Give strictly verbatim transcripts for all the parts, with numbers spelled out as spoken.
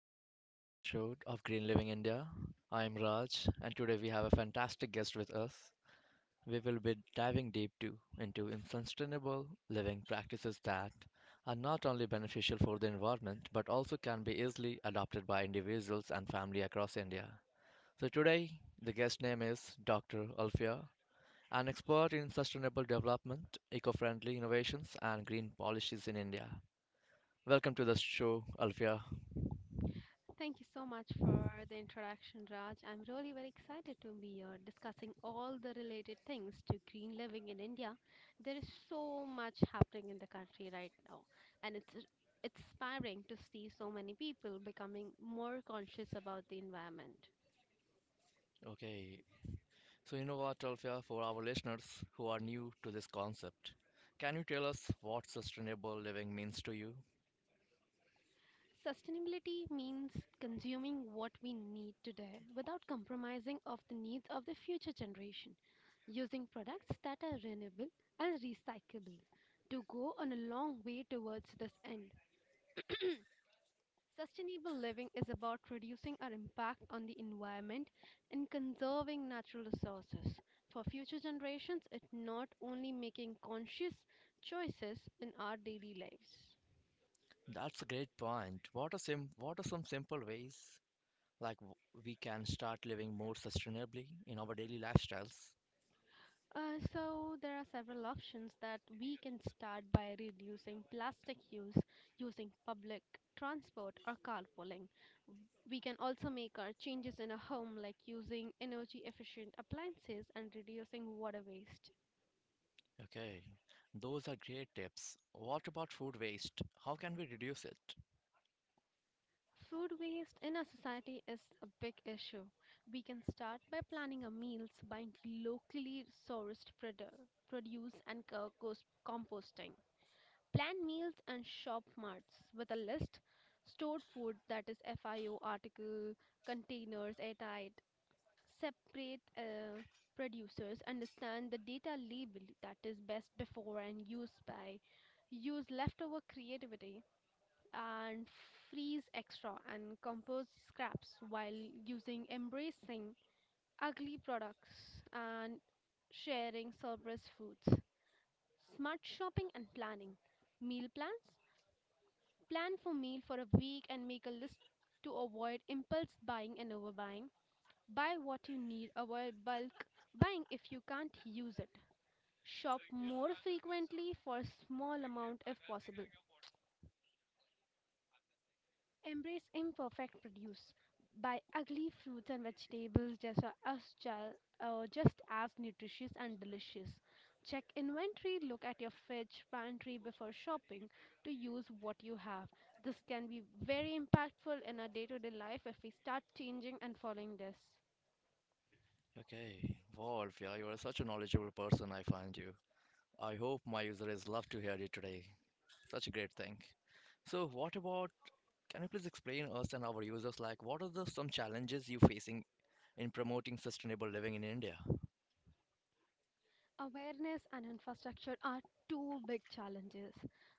Welcome to today's episode of Green Living India. I'm Raj, and today we have a fantastic guest with us. We will be diving deep too into in- sustainable living practices that are not only beneficial for the environment but also can be easily adopted by individuals and family across India. So today, the guest name is doctor Alfia, an expert in sustainable development, eco-friendly innovations, and green policies in India. Welcome to the show, Alfia. Thank you so much for the introduction, Raj. I'm really very excited to be here discussing all the related things to green living in India. There is so much happening in the country right now, and it's r- it's inspiring to see so many people becoming more conscious about the environment. Okay, so, Innova Tolfia, for our listeners who are new to this concept, can you tell us what sustainable living means to you? Sustainability means consuming what we need today without compromising of the needs of the future generation, using products that are renewable and recyclable to go on a long way towards this end. Sustainable living is about reducing our impact on the environment and conserving natural resources. For future generations, it's not only making conscious choices in our daily lives. That's a great point. What are some what are some simple ways like w- we can start living more sustainably in our daily lifestyles? Uh, so there are several options that we can start by reducing plastic use using public transport or carpooling. We can also make our changes in a home like using energy efficient appliances and reducing water waste. Okay, those are great tips. What about food waste? How can we reduce it? Food waste in our society is a big issue. We can start by planning our meals, buying locally sourced produ- produce and co- cos- composting. Plan meals and shop marts with a list. Stored food that is F I O article, containers airtight. Separate uh, producers. Understand the data label that is best before and used by. Use leftover creativity and freeze extra and compost scraps while using embracing ugly products and sharing surplus foods. Smart shopping and planning. Meal plans. Plan for meal for a week and make a list to avoid impulse buying and overbuying. Buy what you need, avoid bulk buying if you can't use it. Shop more frequently for small amount if possible. Embrace imperfect produce. Buy ugly fruits and vegetables just a- as ju- uh, just as nutritious and delicious. Check inventory, look at your fridge, pantry before shopping to use what you have. This can be very impactful in our day-to-day life if we start changing and following this. Okay, Wolf, yeah, you are such a knowledgeable person. I find you. I hope my user is love to hear you today. Such a great thing. So, what about, can you please explain us and our users like what are the some challenges you facing in promoting sustainable living in India? Awareness and infrastructure are two big challenges,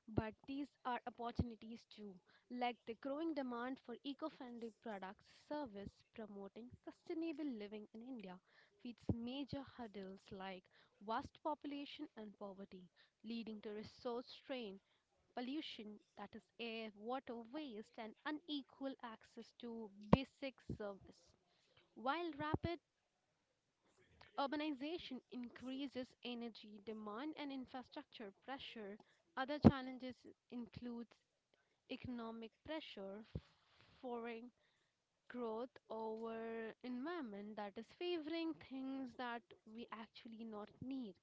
but these are opportunities too, like the growing demand for eco-friendly products service promoting sustainable living in India feeds major hurdles like vast population and poverty, leading to resource strain, pollution that is air, water waste and unequal access to basic service. While rapid urbanization increases energy demand and infrastructure pressure. Other challenges includes economic pressure, foreign growth over environment that is favoring things that we actually not need,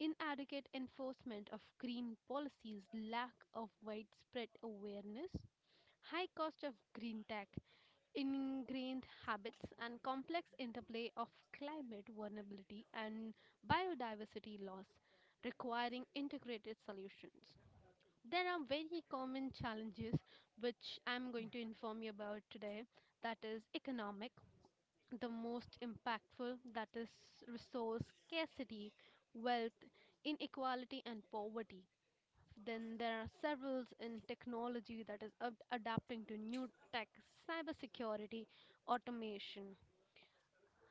inadequate enforcement of green policies, lack of widespread awareness, high cost of green tech, ingrained habits and complex interplay of climate vulnerability and biodiversity loss requiring integrated solutions. There are very common challenges which I'm going to inform you about today, that is economic, the most impactful, that is resource scarcity, wealth inequality and poverty. Then there are several in technology, that is ad- adapting to new tech, cybersecurity, automation.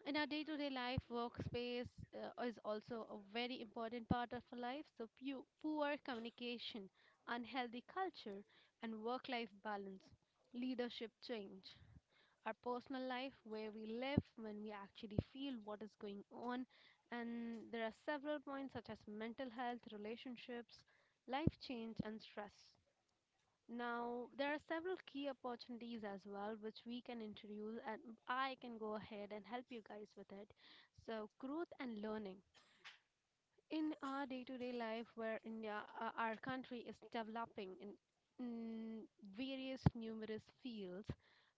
In our day to day life, workspace uh, is also a very important part of our life. So, pu- poor communication, unhealthy culture, and work life balance, leadership change, our personal life, where we live, when we actually feel what is going on. And there are several points such as mental health, relationships, life change, and stress. Now, there are several key opportunities as well which we can introduce, and I can go ahead and help you guys with it. So, growth and learning. In our day to day life, where India, uh, our country is developing in, in various numerous fields,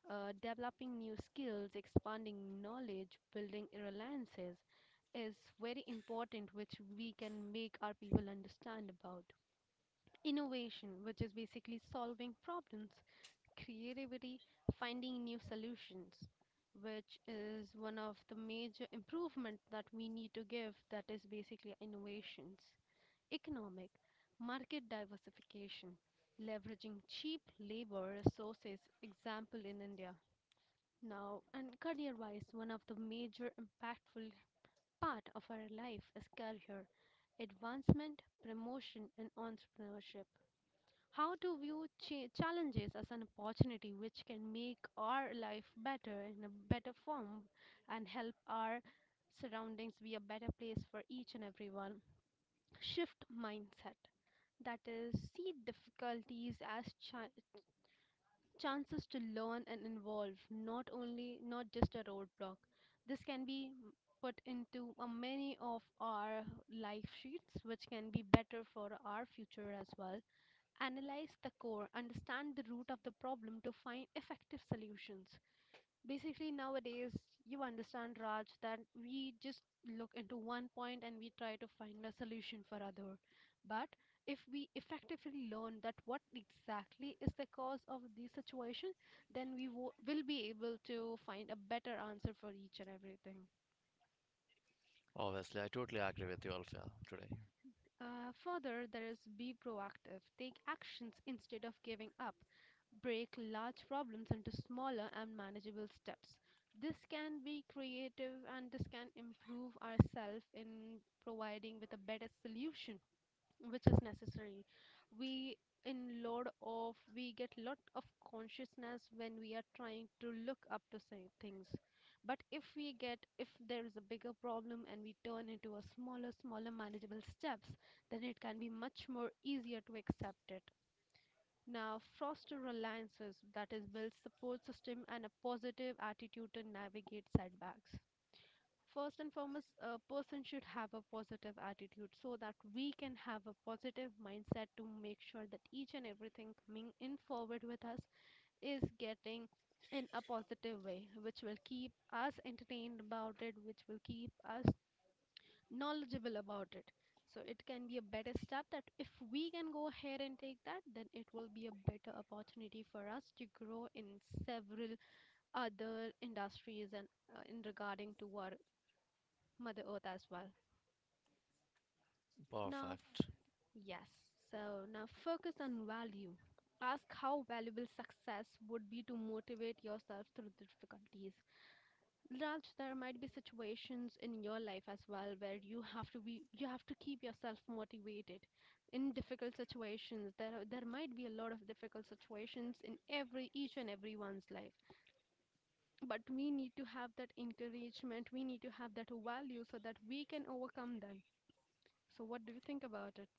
uh, developing new skills, expanding knowledge, building alliances is very important, which we can make our people understand about. Innovation, which is basically solving problems, creativity, finding new solutions, which is one of the major improvement that we need to give, that is basically innovations. Economic, market diversification, leveraging cheap labor resources, example in India. Now, and career-wise, one of the major impactful part of our life is career, advancement, promotion, and entrepreneurship. How to view cha- challenges as an opportunity which can make our life better in a better form and help our surroundings be a better place for each and everyone. Shift mindset, that is, see difficulties as cha- chances to learn and evolve, not only, not just a roadblock. This can be put into a many of our life sheets which can be better for our future as well. Analyze the core, understand the root of the problem to find effective solutions. Basically, nowadays, you understand, Raj, that we just look into one point and we try to find a solution for other. But if we effectively learn that what exactly is the cause of the situation, then we wo- will be able to find a better answer for each and everything. Obviously, I totally agree with you, Alfia, today. Uh, further, there is be proactive. Take actions instead of giving up. Break large problems into smaller and manageable steps. This can be creative and this can improve ourselves in providing with a better solution which is necessary. We in lot of we get lot of consciousness when we are trying to look up to say things, but if we get if there is a bigger problem and we turn into a smaller smaller manageable steps, then it can be much more easier to accept it. Now foster alliances, that is build support system and a positive attitude to navigate setbacks. First and foremost, a person should have a positive attitude so that we can have a positive mindset to make sure that each and everything coming in forward with us is getting in a positive way, which will keep us entertained about it, which will keep us knowledgeable about it. So it can be a better step that if we can go ahead and take that, then it will be a better opportunity for us to grow in several other industries and uh, in regarding to our Mother Earth as well. Now, f- Perfect. yes, so now focus on value. Ask how valuable success would be to motivate yourself through the difficulties. Raj, there might be situations in your life as well where you have to be, you have to keep yourself motivated. In difficult situations, there are, there might be a lot of difficult situations in every each and everyone's life. But we need to have that encouragement. We need to have that value so that we can overcome them. So, what do you think about it?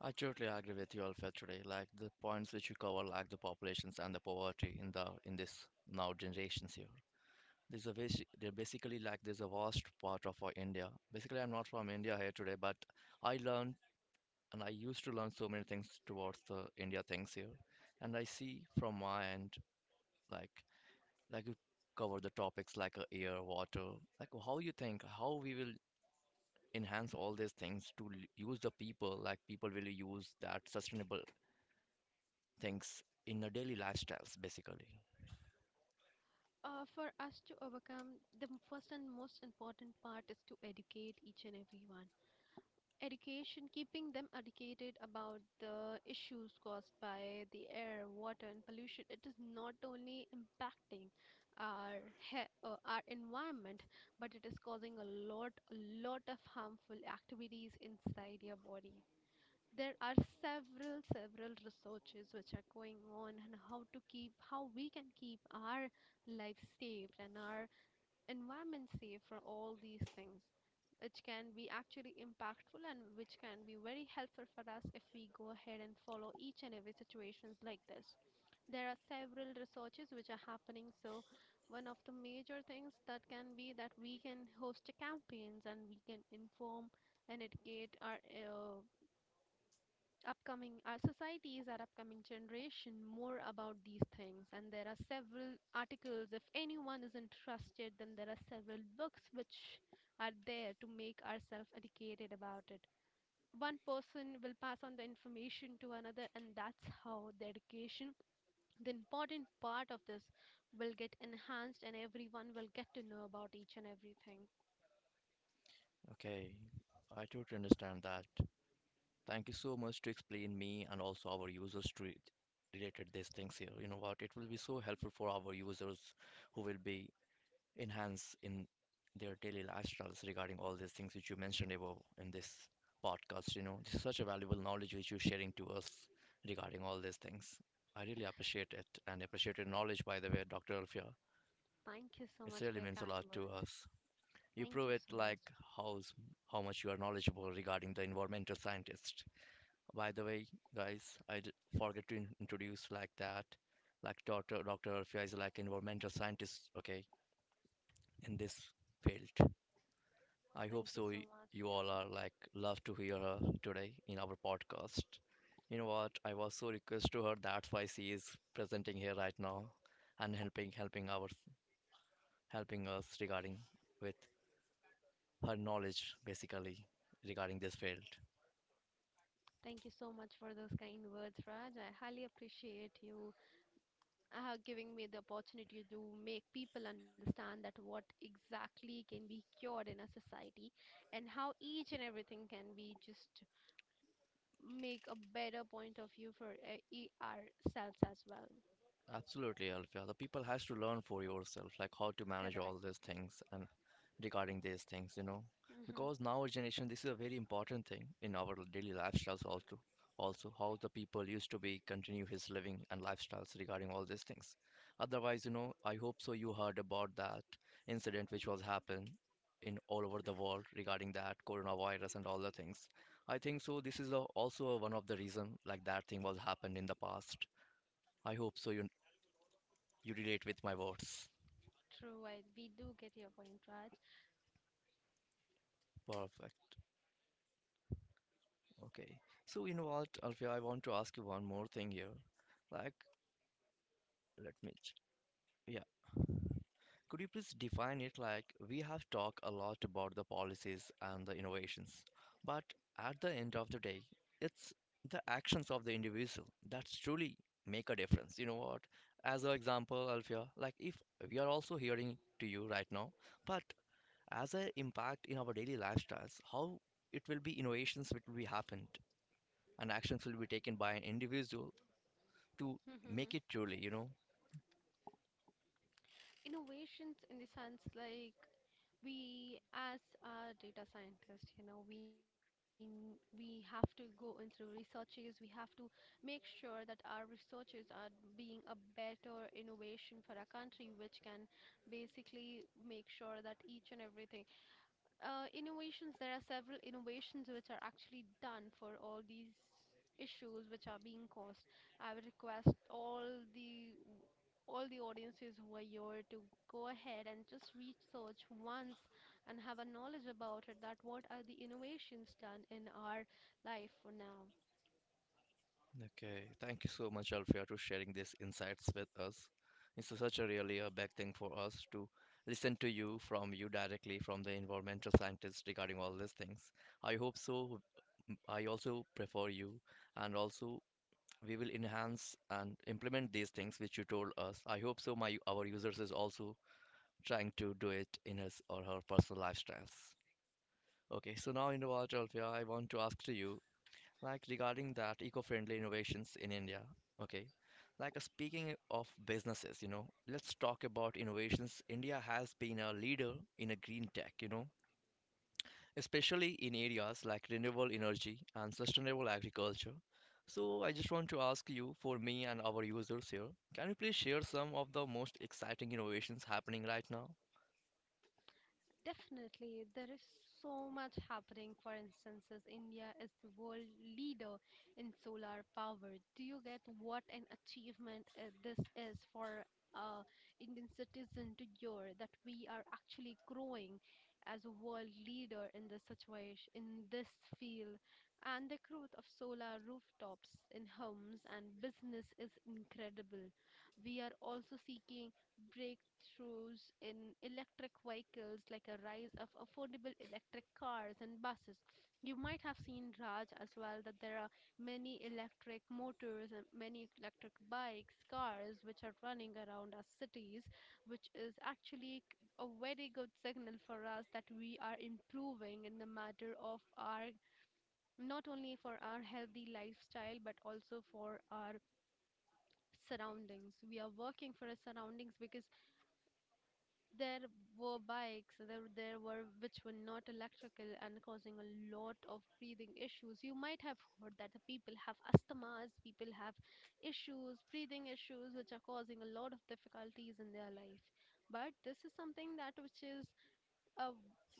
I totally agree with you, Alfia, today. Like the points which you cover, like the populations and the poverty in the in this now generations here. There's a basi- they're basically like there's a vast part of our India. Basically, I'm not from India here today, but I learned and I used to learn so many things towards the India things here, and I see from my end like like you cover the topics like uh, air, water, like how you think, how we will enhance all these things to l- use the people, like people will use that sustainable things in their daily lifestyles, basically. Uh, for us to overcome, the first and most important part is to educate each and everyone. Education, keeping them educated about the issues caused by the air, water, and pollution, it is not only impacting our he- uh, our environment, but it is causing a lot, a lot of harmful activities inside your body. There are several several researches which are going on and how to keep how we can keep our life safe and our environment safe for all these things, which can be actually impactful and which can be very helpful for us if we go ahead and follow each and every situations like this. There are several researches which are happening, so one of the major things that can be that we can host campaigns and we can inform and educate our uh, upcoming our societies, our upcoming generation more about these things, and there are several articles if anyone is interested, then there are several books which are there to make ourselves educated about it. One person will pass on the information to another, and that's how the education, the important part of this, will get enhanced and everyone will get to know about each and everything. Okay, I totally understand that. Thank you so much to explain me and also our users to it- related these things here. You know what? It will be so helpful for our users who will be enhance in their daily lifestyles regarding all these things which you mentioned above in this podcast. You know, this is such a valuable knowledge which you're sharing to us regarding all these things. I really appreciate it and appreciate your knowledge, by the way, doctor Alfia. Thank you so It much for really your means a kind lot to words. us. You Thank prove you it so much. like how s- how much you are knowledgeable regarding the environmental scientist. By the way, guys, I d- forget to in- introduce like that, like doctor Dr. Alfia is like environmental scientist, okay, in this field. I hope Thank you so. so y- much. You all are like love to hear her today in our podcast. You know what? I was so request to her. That's why she is presenting here right now and helping helping our helping us regarding with her knowledge basically regarding this field. Thank you so much for those kind words, Raj. I highly appreciate you uh, giving me the opportunity to make people understand that what exactly can be cured in a society and how each and everything can be just make a better point of view for uh, e- ourselves as well. Absolutely, Alfia. The people has to learn for yourself, like how to manage Correct. all these things and regarding these things, you know, Hmm. because now our generation, this is a very important thing in our daily lifestyles also. Also, how the people used to be continue his living and lifestyles regarding all these things. Otherwise, you know, I hope so. You heard about that incident which was happened in all over the world regarding that coronavirus and all the things. I think so. This is a, also a, one of the reason like that thing was happened in the past. I hope so. You you relate with my words. True. I, we do get your point, Raj. Perfect. Okay. So you know what, Alfia, I want to ask you one more thing here. Like, let me. ch- Yeah. Could you please define it? Like, we have talked a lot about the policies and the innovations, but at the end of the day, it's the actions of the individual that truly make a difference. You know what? As an example, Alfia, like if we are also hearing to you right now, but as an impact in our daily lifestyles, how it will be innovations which will be happened and actions will be taken by an individual to make it truly, you know. Innovations in the sense like we as a data scientist, you know, we n- we have to go in through researches, we have to make sure that our researches are being a better innovation for our country which can basically make sure that each and everything, uh, innovations there are several innovations which are actually done for all these issues which are being caused. I would request all the all the audiences who are here to go ahead and just research once and have a knowledge about it, that what are the innovations done in our life for now. Okay, thank you so much, Alfia, to sharing these insights with us. It's such a really a big thing for us to listen to you from you directly from the environmental scientists regarding all these things. I hope so. m- I also prefer you, and also we will enhance and implement these things which you told us. I hope so. My our users is also trying to do it in his or her personal lifestyles. Okay, so now in Innovatalvia, I want to ask to you, like regarding that eco-friendly innovations in India. Okay, like uh, speaking of businesses, you know, let's talk about innovations. India has been a leader in a green tech, you know, especially in areas like renewable energy and sustainable agriculture. So I just want to ask you, for me and our users here, can you please share some of the most exciting innovations happening right now? Definitely, there is so much happening. For instance, as India is the world leader in solar power. Do you get what an achievement uh, this is for uh, Indian citizen to hear that we are actually growing as a world leader in this situation, in this field, and the growth of solar rooftops in homes and business is incredible. We are also seeking breakthroughs in electric vehicles, like a rise of affordable electric cars and buses. You might have seen Raj as well that there are many electric motors and many electric bikes, cars which are running around our cities, which is actually c- a very good signal for us that we are improving in the matter of our, not only for our healthy lifestyle but also for our surroundings. We are working for our surroundings because there were bikes, there, there were which were not electrical and causing a lot of breathing issues. You might have heard that the people have asthmas, people have issues, breathing issues, which are causing a lot of difficulties in their life. But this is something that which is uh,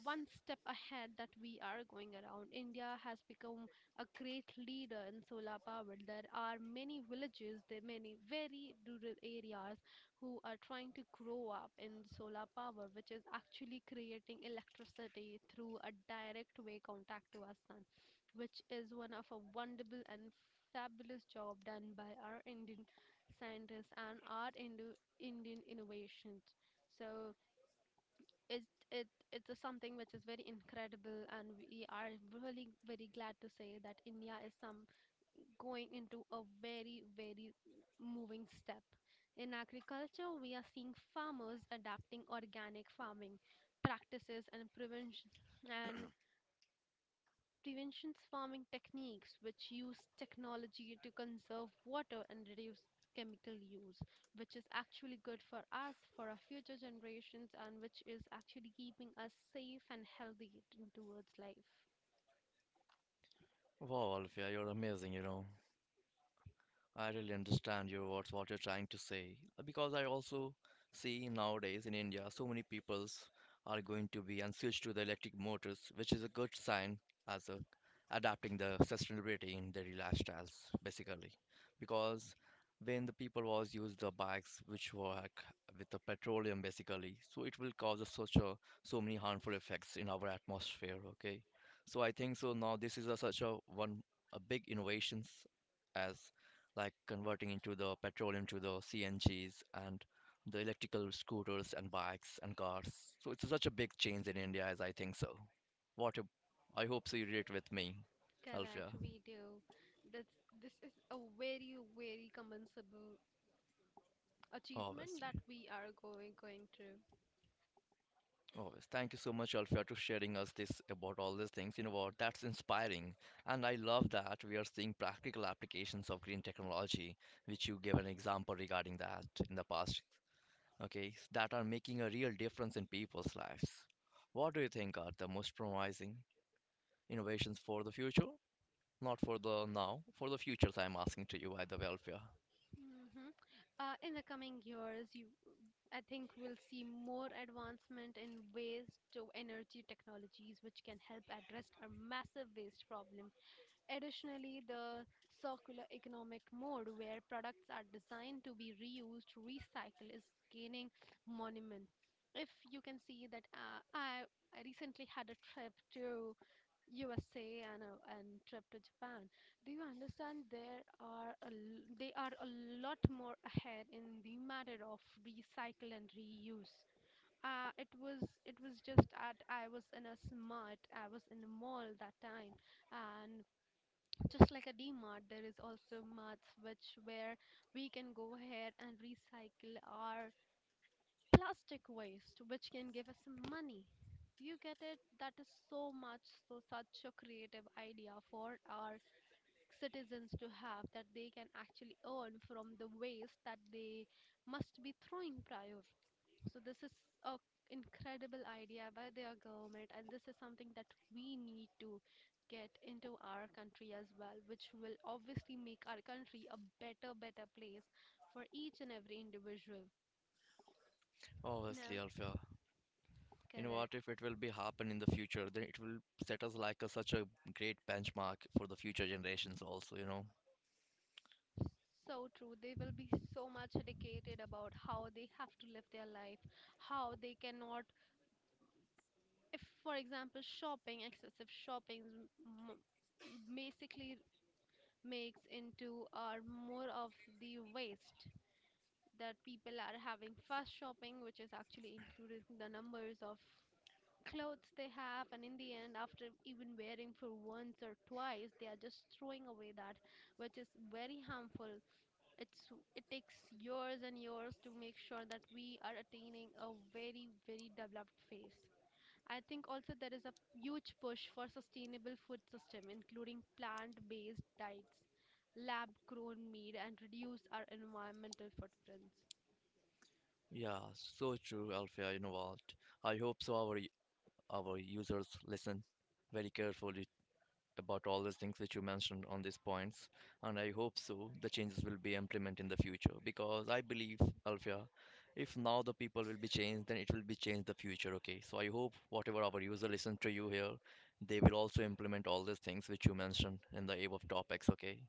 one step ahead that we are going around. India has become a great leader in solar power. There are many villages, there are many very rural areas who are trying to grow up in solar power, which is actually creating electricity through a direct way contact to our sun, which is one of a wonderful and fabulous job done by our Indian scientists and our Indo- Indian innovations. So it it it's a something which is very incredible, and we are really very glad to say that India is some going into a very, very moving step. In agriculture, we are seeing farmers adapting organic farming practices and prevention, and prevention farming techniques, which use technology to conserve water and reduce chemical use, which is actually good for us, for our future generations, and which is actually keeping us safe and healthy t- towards life. Wow, Alvia, you're amazing, you know. I really understand your what's what you're trying to say uh, because I also see nowadays in India so many peoples are going to be and switch to the electric motors, which is a good sign as a adapting the sustainability in their lifestyles basically because when the people was use the bikes which work with the petroleum basically so it will cause a such a so many harmful effects in our atmosphere, okay. So I think so now this is a, such a one a big innovations as like converting into the petroleum to the C N Gs and the electrical scooters and bikes and cars. So it's such a big change in India as I think so. What a, I hope so you relate with me, Alfia. Correct, we do. That's, this is a very, very commendable achievement that Obviously. we are going going through. Always. Thank you so much, Alfia, to sharing us this about all these things. You know what? That's inspiring. And I love that we are seeing practical applications of green technology, which you gave an example regarding that in the past, okay, that are making a real difference in people's lives. What do you think are the most promising innovations for the future? Not for the now, for the futures I'm asking to you, by the way, Alfia. Hmm. Uh, in the coming years, you, I think we'll see more advancement in waste to energy technologies, which can help address our massive waste problem. Additionally, the circular economic mode, where products are designed to be reused, recycled, is gaining monument. If you can see that, uh, I I recently had a trip to U S A and a and trip to Japan. Do you understand there are a, l- they are a lot more ahead in the matter of recycle and reuse. Uh, it was it was just at I was in a smart I was in a mall that time, and just like a D-Mart, there is also marts which where we can go ahead and recycle our plastic waste, which can give us money. Do you get it? That is so much, so such a creative idea for our citizens to have, that they can actually earn from the waste that they must be throwing prior. So this is a incredible idea by their government, and this is something that we need to get into our country as well, which will obviously make our country a better better place for each and every individual Obviously, now. Alfia. You know Correct. what? If it will be happen in the future, then it will set us like a, such a great benchmark for the future generations also, you know. So true. They will be so much educated about how they have to live their life, how they cannot, if for example, shopping, excessive shopping m- m- basically makes into or more of the waste, that people are having fast shopping, which is actually increasing the numbers of clothes they have, and in the end, after even wearing for once or twice, they are just throwing away that, which is very harmful. It's it takes years and years to make sure that we are attaining a very, very developed phase. I think also there is a huge push for sustainable food system, including plant based diets, lab grown meat, and reduce our environmental footprints. Yeah, so true, Alfia. You know what? I hope so our our users listen very carefully about all those things which you mentioned on these points, and I hope so the changes will be implemented in the future because I believe, Alfia, if now the people will be changed, then it will be changed the future. Okay, so I hope whatever our user listen to you here, they will also implement all these things which you mentioned in the above topics. Okay,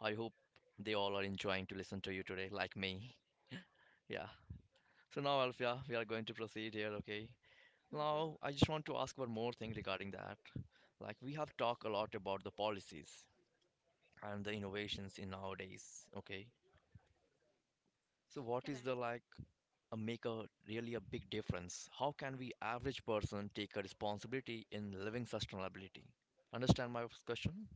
I hope they all are enjoying to listen to you today, like me. Yeah. So now, Alfia, we are going to proceed here. Okay. Now, Hmm. I just want to ask one more thing regarding that. Like, we have talked a lot about the policies, and the innovations in nowadays, okay, so what is the Correct. like a make a really a big difference, how can we average person take a responsibility in living sustainability, understand my question?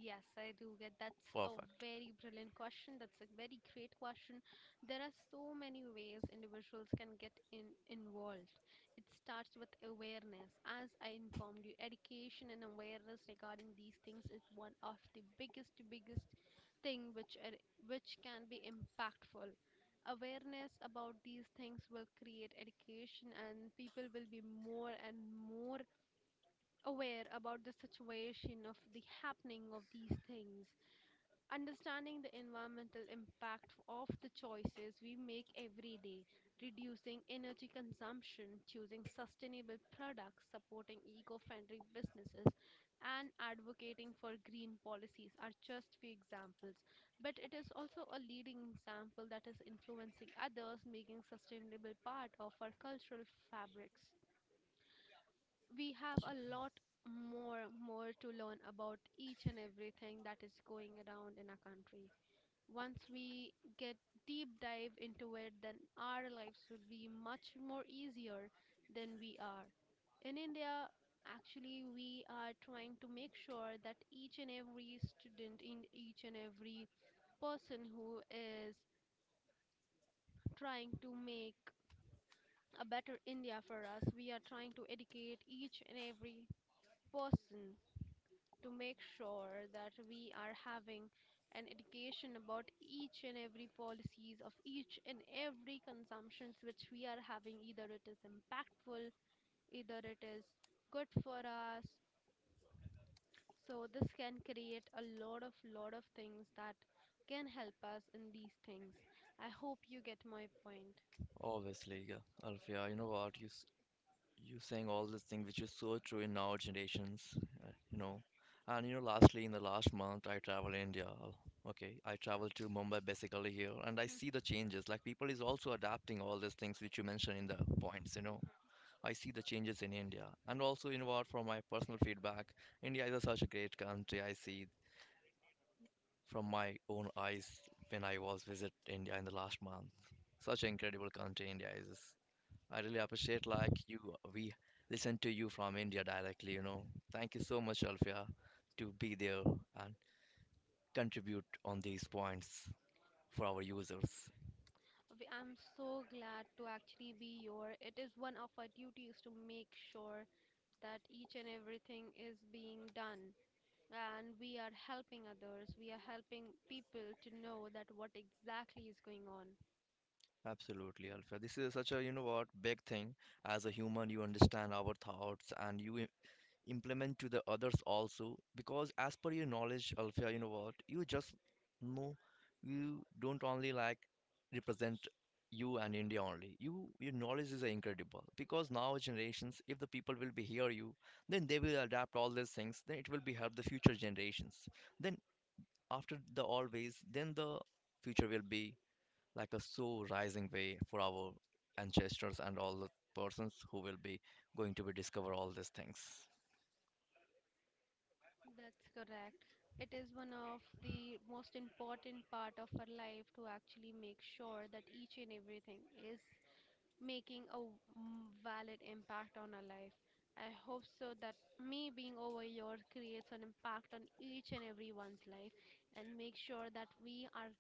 Yes, I do get that's a Perfect. very brilliant question. That's a very great question. There are so many ways individuals can get in, involved. It starts with awareness. As I informed you, education and awareness regarding these things is one of the biggest biggest thing which are, which can be impactful. Awareness about these things will create education, and people will be more and more aware about the situation of the happening of these things, understanding the environmental impact of the choices we make every day, reducing energy consumption, choosing sustainable products, supporting eco friendly businesses, and advocating for green policies are just few examples. But it is also a leading example that is influencing others, making sustainable part of our cultural fabrics. We have Yeah. a lot more more to learn about each and everything that is going around in our country. Once we get deep dive into it, then our lives would be much more easier than we are. In India, actually, we are trying to make sure that each and every student, in each and every person who is trying to make a better India for us, we are trying to educate each and every person to make sure that we are having an education about each and every policies, of each and every consumptions which we are having, either it is impactful, either it is good for us. So this can create a lot of lot of things that can help us in these things. I hope you get my point. Obviously, yeah, Alfia, you know what, you s- you saying all this thing which is so true in our generations, uh, you know. And you know, lastly in the last month I travel India. Al- okay, I travel to Mumbai basically here, and I see Mhm, the changes like people is also adapting all these things which you mentioned in the points, you know. mhm. I see the changes in India. And also, you know what, from my personal feedback, India is a such a great country. I see from my own eyes when I was visit India in the last month. Such an incredible country India is. I really appreciate like you. We listen to you from India directly. You know, thank you so much, Alfia, to be there and contribute on these points for our users. We- I'm so glad to actually be here. It is one of our duties to make sure that each and everything is being done, and we are helping others, we are helping people to know that what exactly is going on. Absolutely, Alfia. This is such a you know what big thing. As a human, you understand our thoughts and you implement to the others also because as per your knowledge, Alfia, you know what, you just know, you don't only like represent you and India only, you your knowledge is incredible because now generations if the people will be hear you, then they will adapt all these things, then it will be help the future generations, then after the always then the future will be like a so rising way for our ancestors and all the persons who will be going to be discover all these things. That's correct. It is one of the most important part of our life to actually make sure that each and everything is making a w- m- valid impact on our life. I hope so that me being over here creates an impact on each and everyone's life, and make sure that we are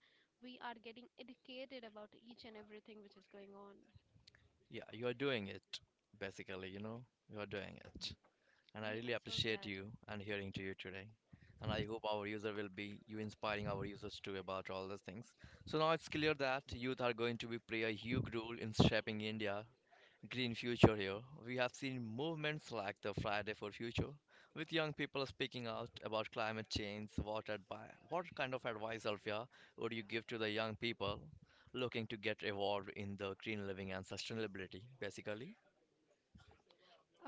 we are getting educated about each and everything which is going on. Yeah, you are doing it, basically, you know, you are doing it. And I We really am so appreciate glad. you and hearing to you today. And I hope our user will be you inspiring our users too about all these things. So now it's clear that youth are going to be play a huge role in shaping India green future here. We have seen movements like the Friday for Future, with young people speaking out about climate change. What advice, what kind of advice, Alfia, would you give to the young people looking to get involved in the green living and sustainability, basically?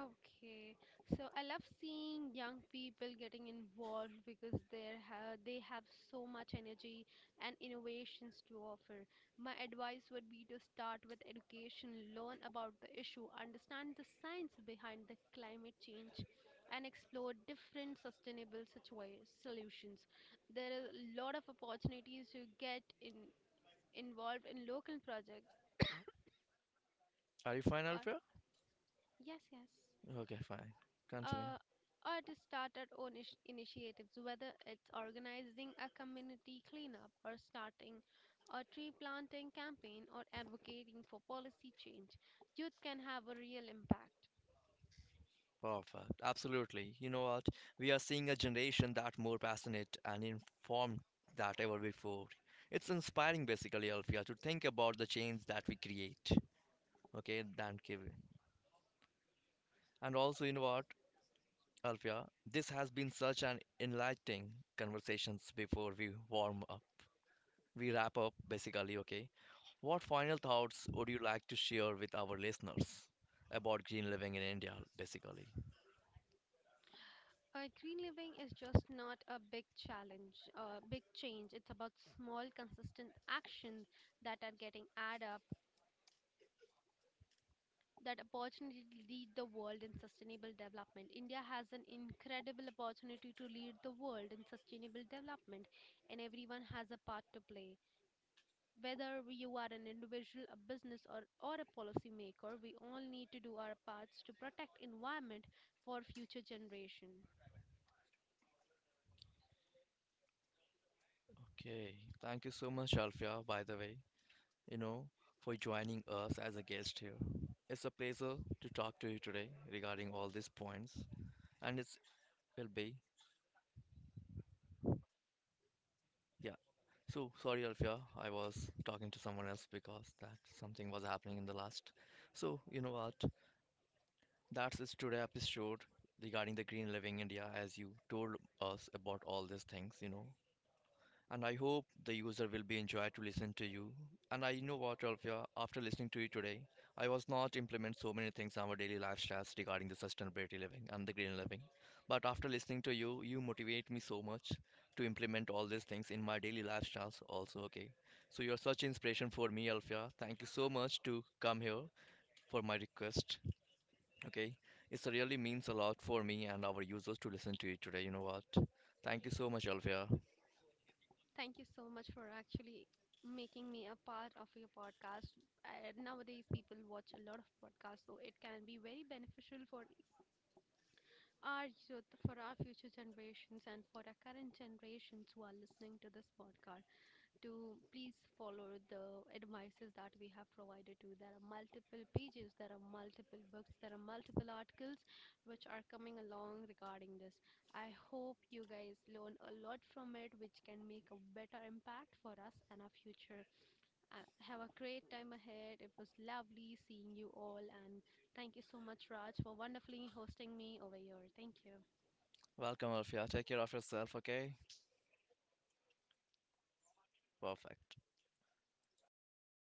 Okay, so I love seeing young people getting involved, because they ha they have so much energy and innovations to offer. My advice would be to start with education, learn about the issue, understand the science behind the climate change, and explore different sustainable situa solutions. There are a lot of opportunities to get in involved in local projects, Are you fine, or Alfia? yes, yes. Okay, fine. Continue. uh, or to start our own ish- initiatives, whether it's organizing a community cleanup, or starting a tree planting campaign, or advocating for policy change, youth can have a real impact. Perfect. Absolutely. You know what? We are seeing a generation that more passionate and informed than ever before. It's inspiring, basically, Alfia, to think about the change that we create. Okay, than Kevin. And also, you know what, Alfia, this has been such an enlightening conversations before we warm up. We wrap up basically, okay? What final thoughts would you like to share with our listeners about green living in India, basically? Uh, green living is just not a big challenge, a big change. It's about small, consistent actions that are getting added up, that opportunity to lead the world in sustainable development. India has an incredible opportunity to lead the world in sustainable development, and everyone has a part to play. Whether you are an individual, a business, or, or a policymaker, we all need to do our parts to protect environment for future generation. Okay, thank you so much, Alfia, by the way, you know, for joining us as a guest here. It's a pleasure to talk to you today regarding all these points, and it will be, yeah, so sorry, Alfia, I was talking to someone else because that something was happening in the last. So you know what? That's it today episode regarding the green living India, as you told us about all these things. You know, and I hope the user will be enjoyed to listen to you. And I know what, Alfia, after listening to you today, I was not implement so many things in our daily lifestyles regarding the sustainability living and the green living. But after listening to you, you motivate me so much to implement all these things in my daily lifestyles also, okay? So you're such inspiration for me, Alfia. Thank you so much to come here for my request, okay? It really means a lot for me and our users to listen to you today, you know what? Thank you so much, Alfia. Thank you so much for actually making me a part of your podcast. Uh, nowadays, people watch a lot of podcasts, so it can be very beneficial for our youth, for our future generations, and for our current generations who are listening to this podcast, to please follow the advices that we have provided to. You. There are multiple pages, there are multiple books, there are multiple articles which are coming along regarding this. I hope you guys learn a lot from it, which can make a better impact for us and our future. Uh, have a great time ahead. It was lovely seeing you all, and thank you so much, Raj, for wonderfully hosting me over here. Thank you. Welcome, Alfia. Take care of yourself, okay? Perfect.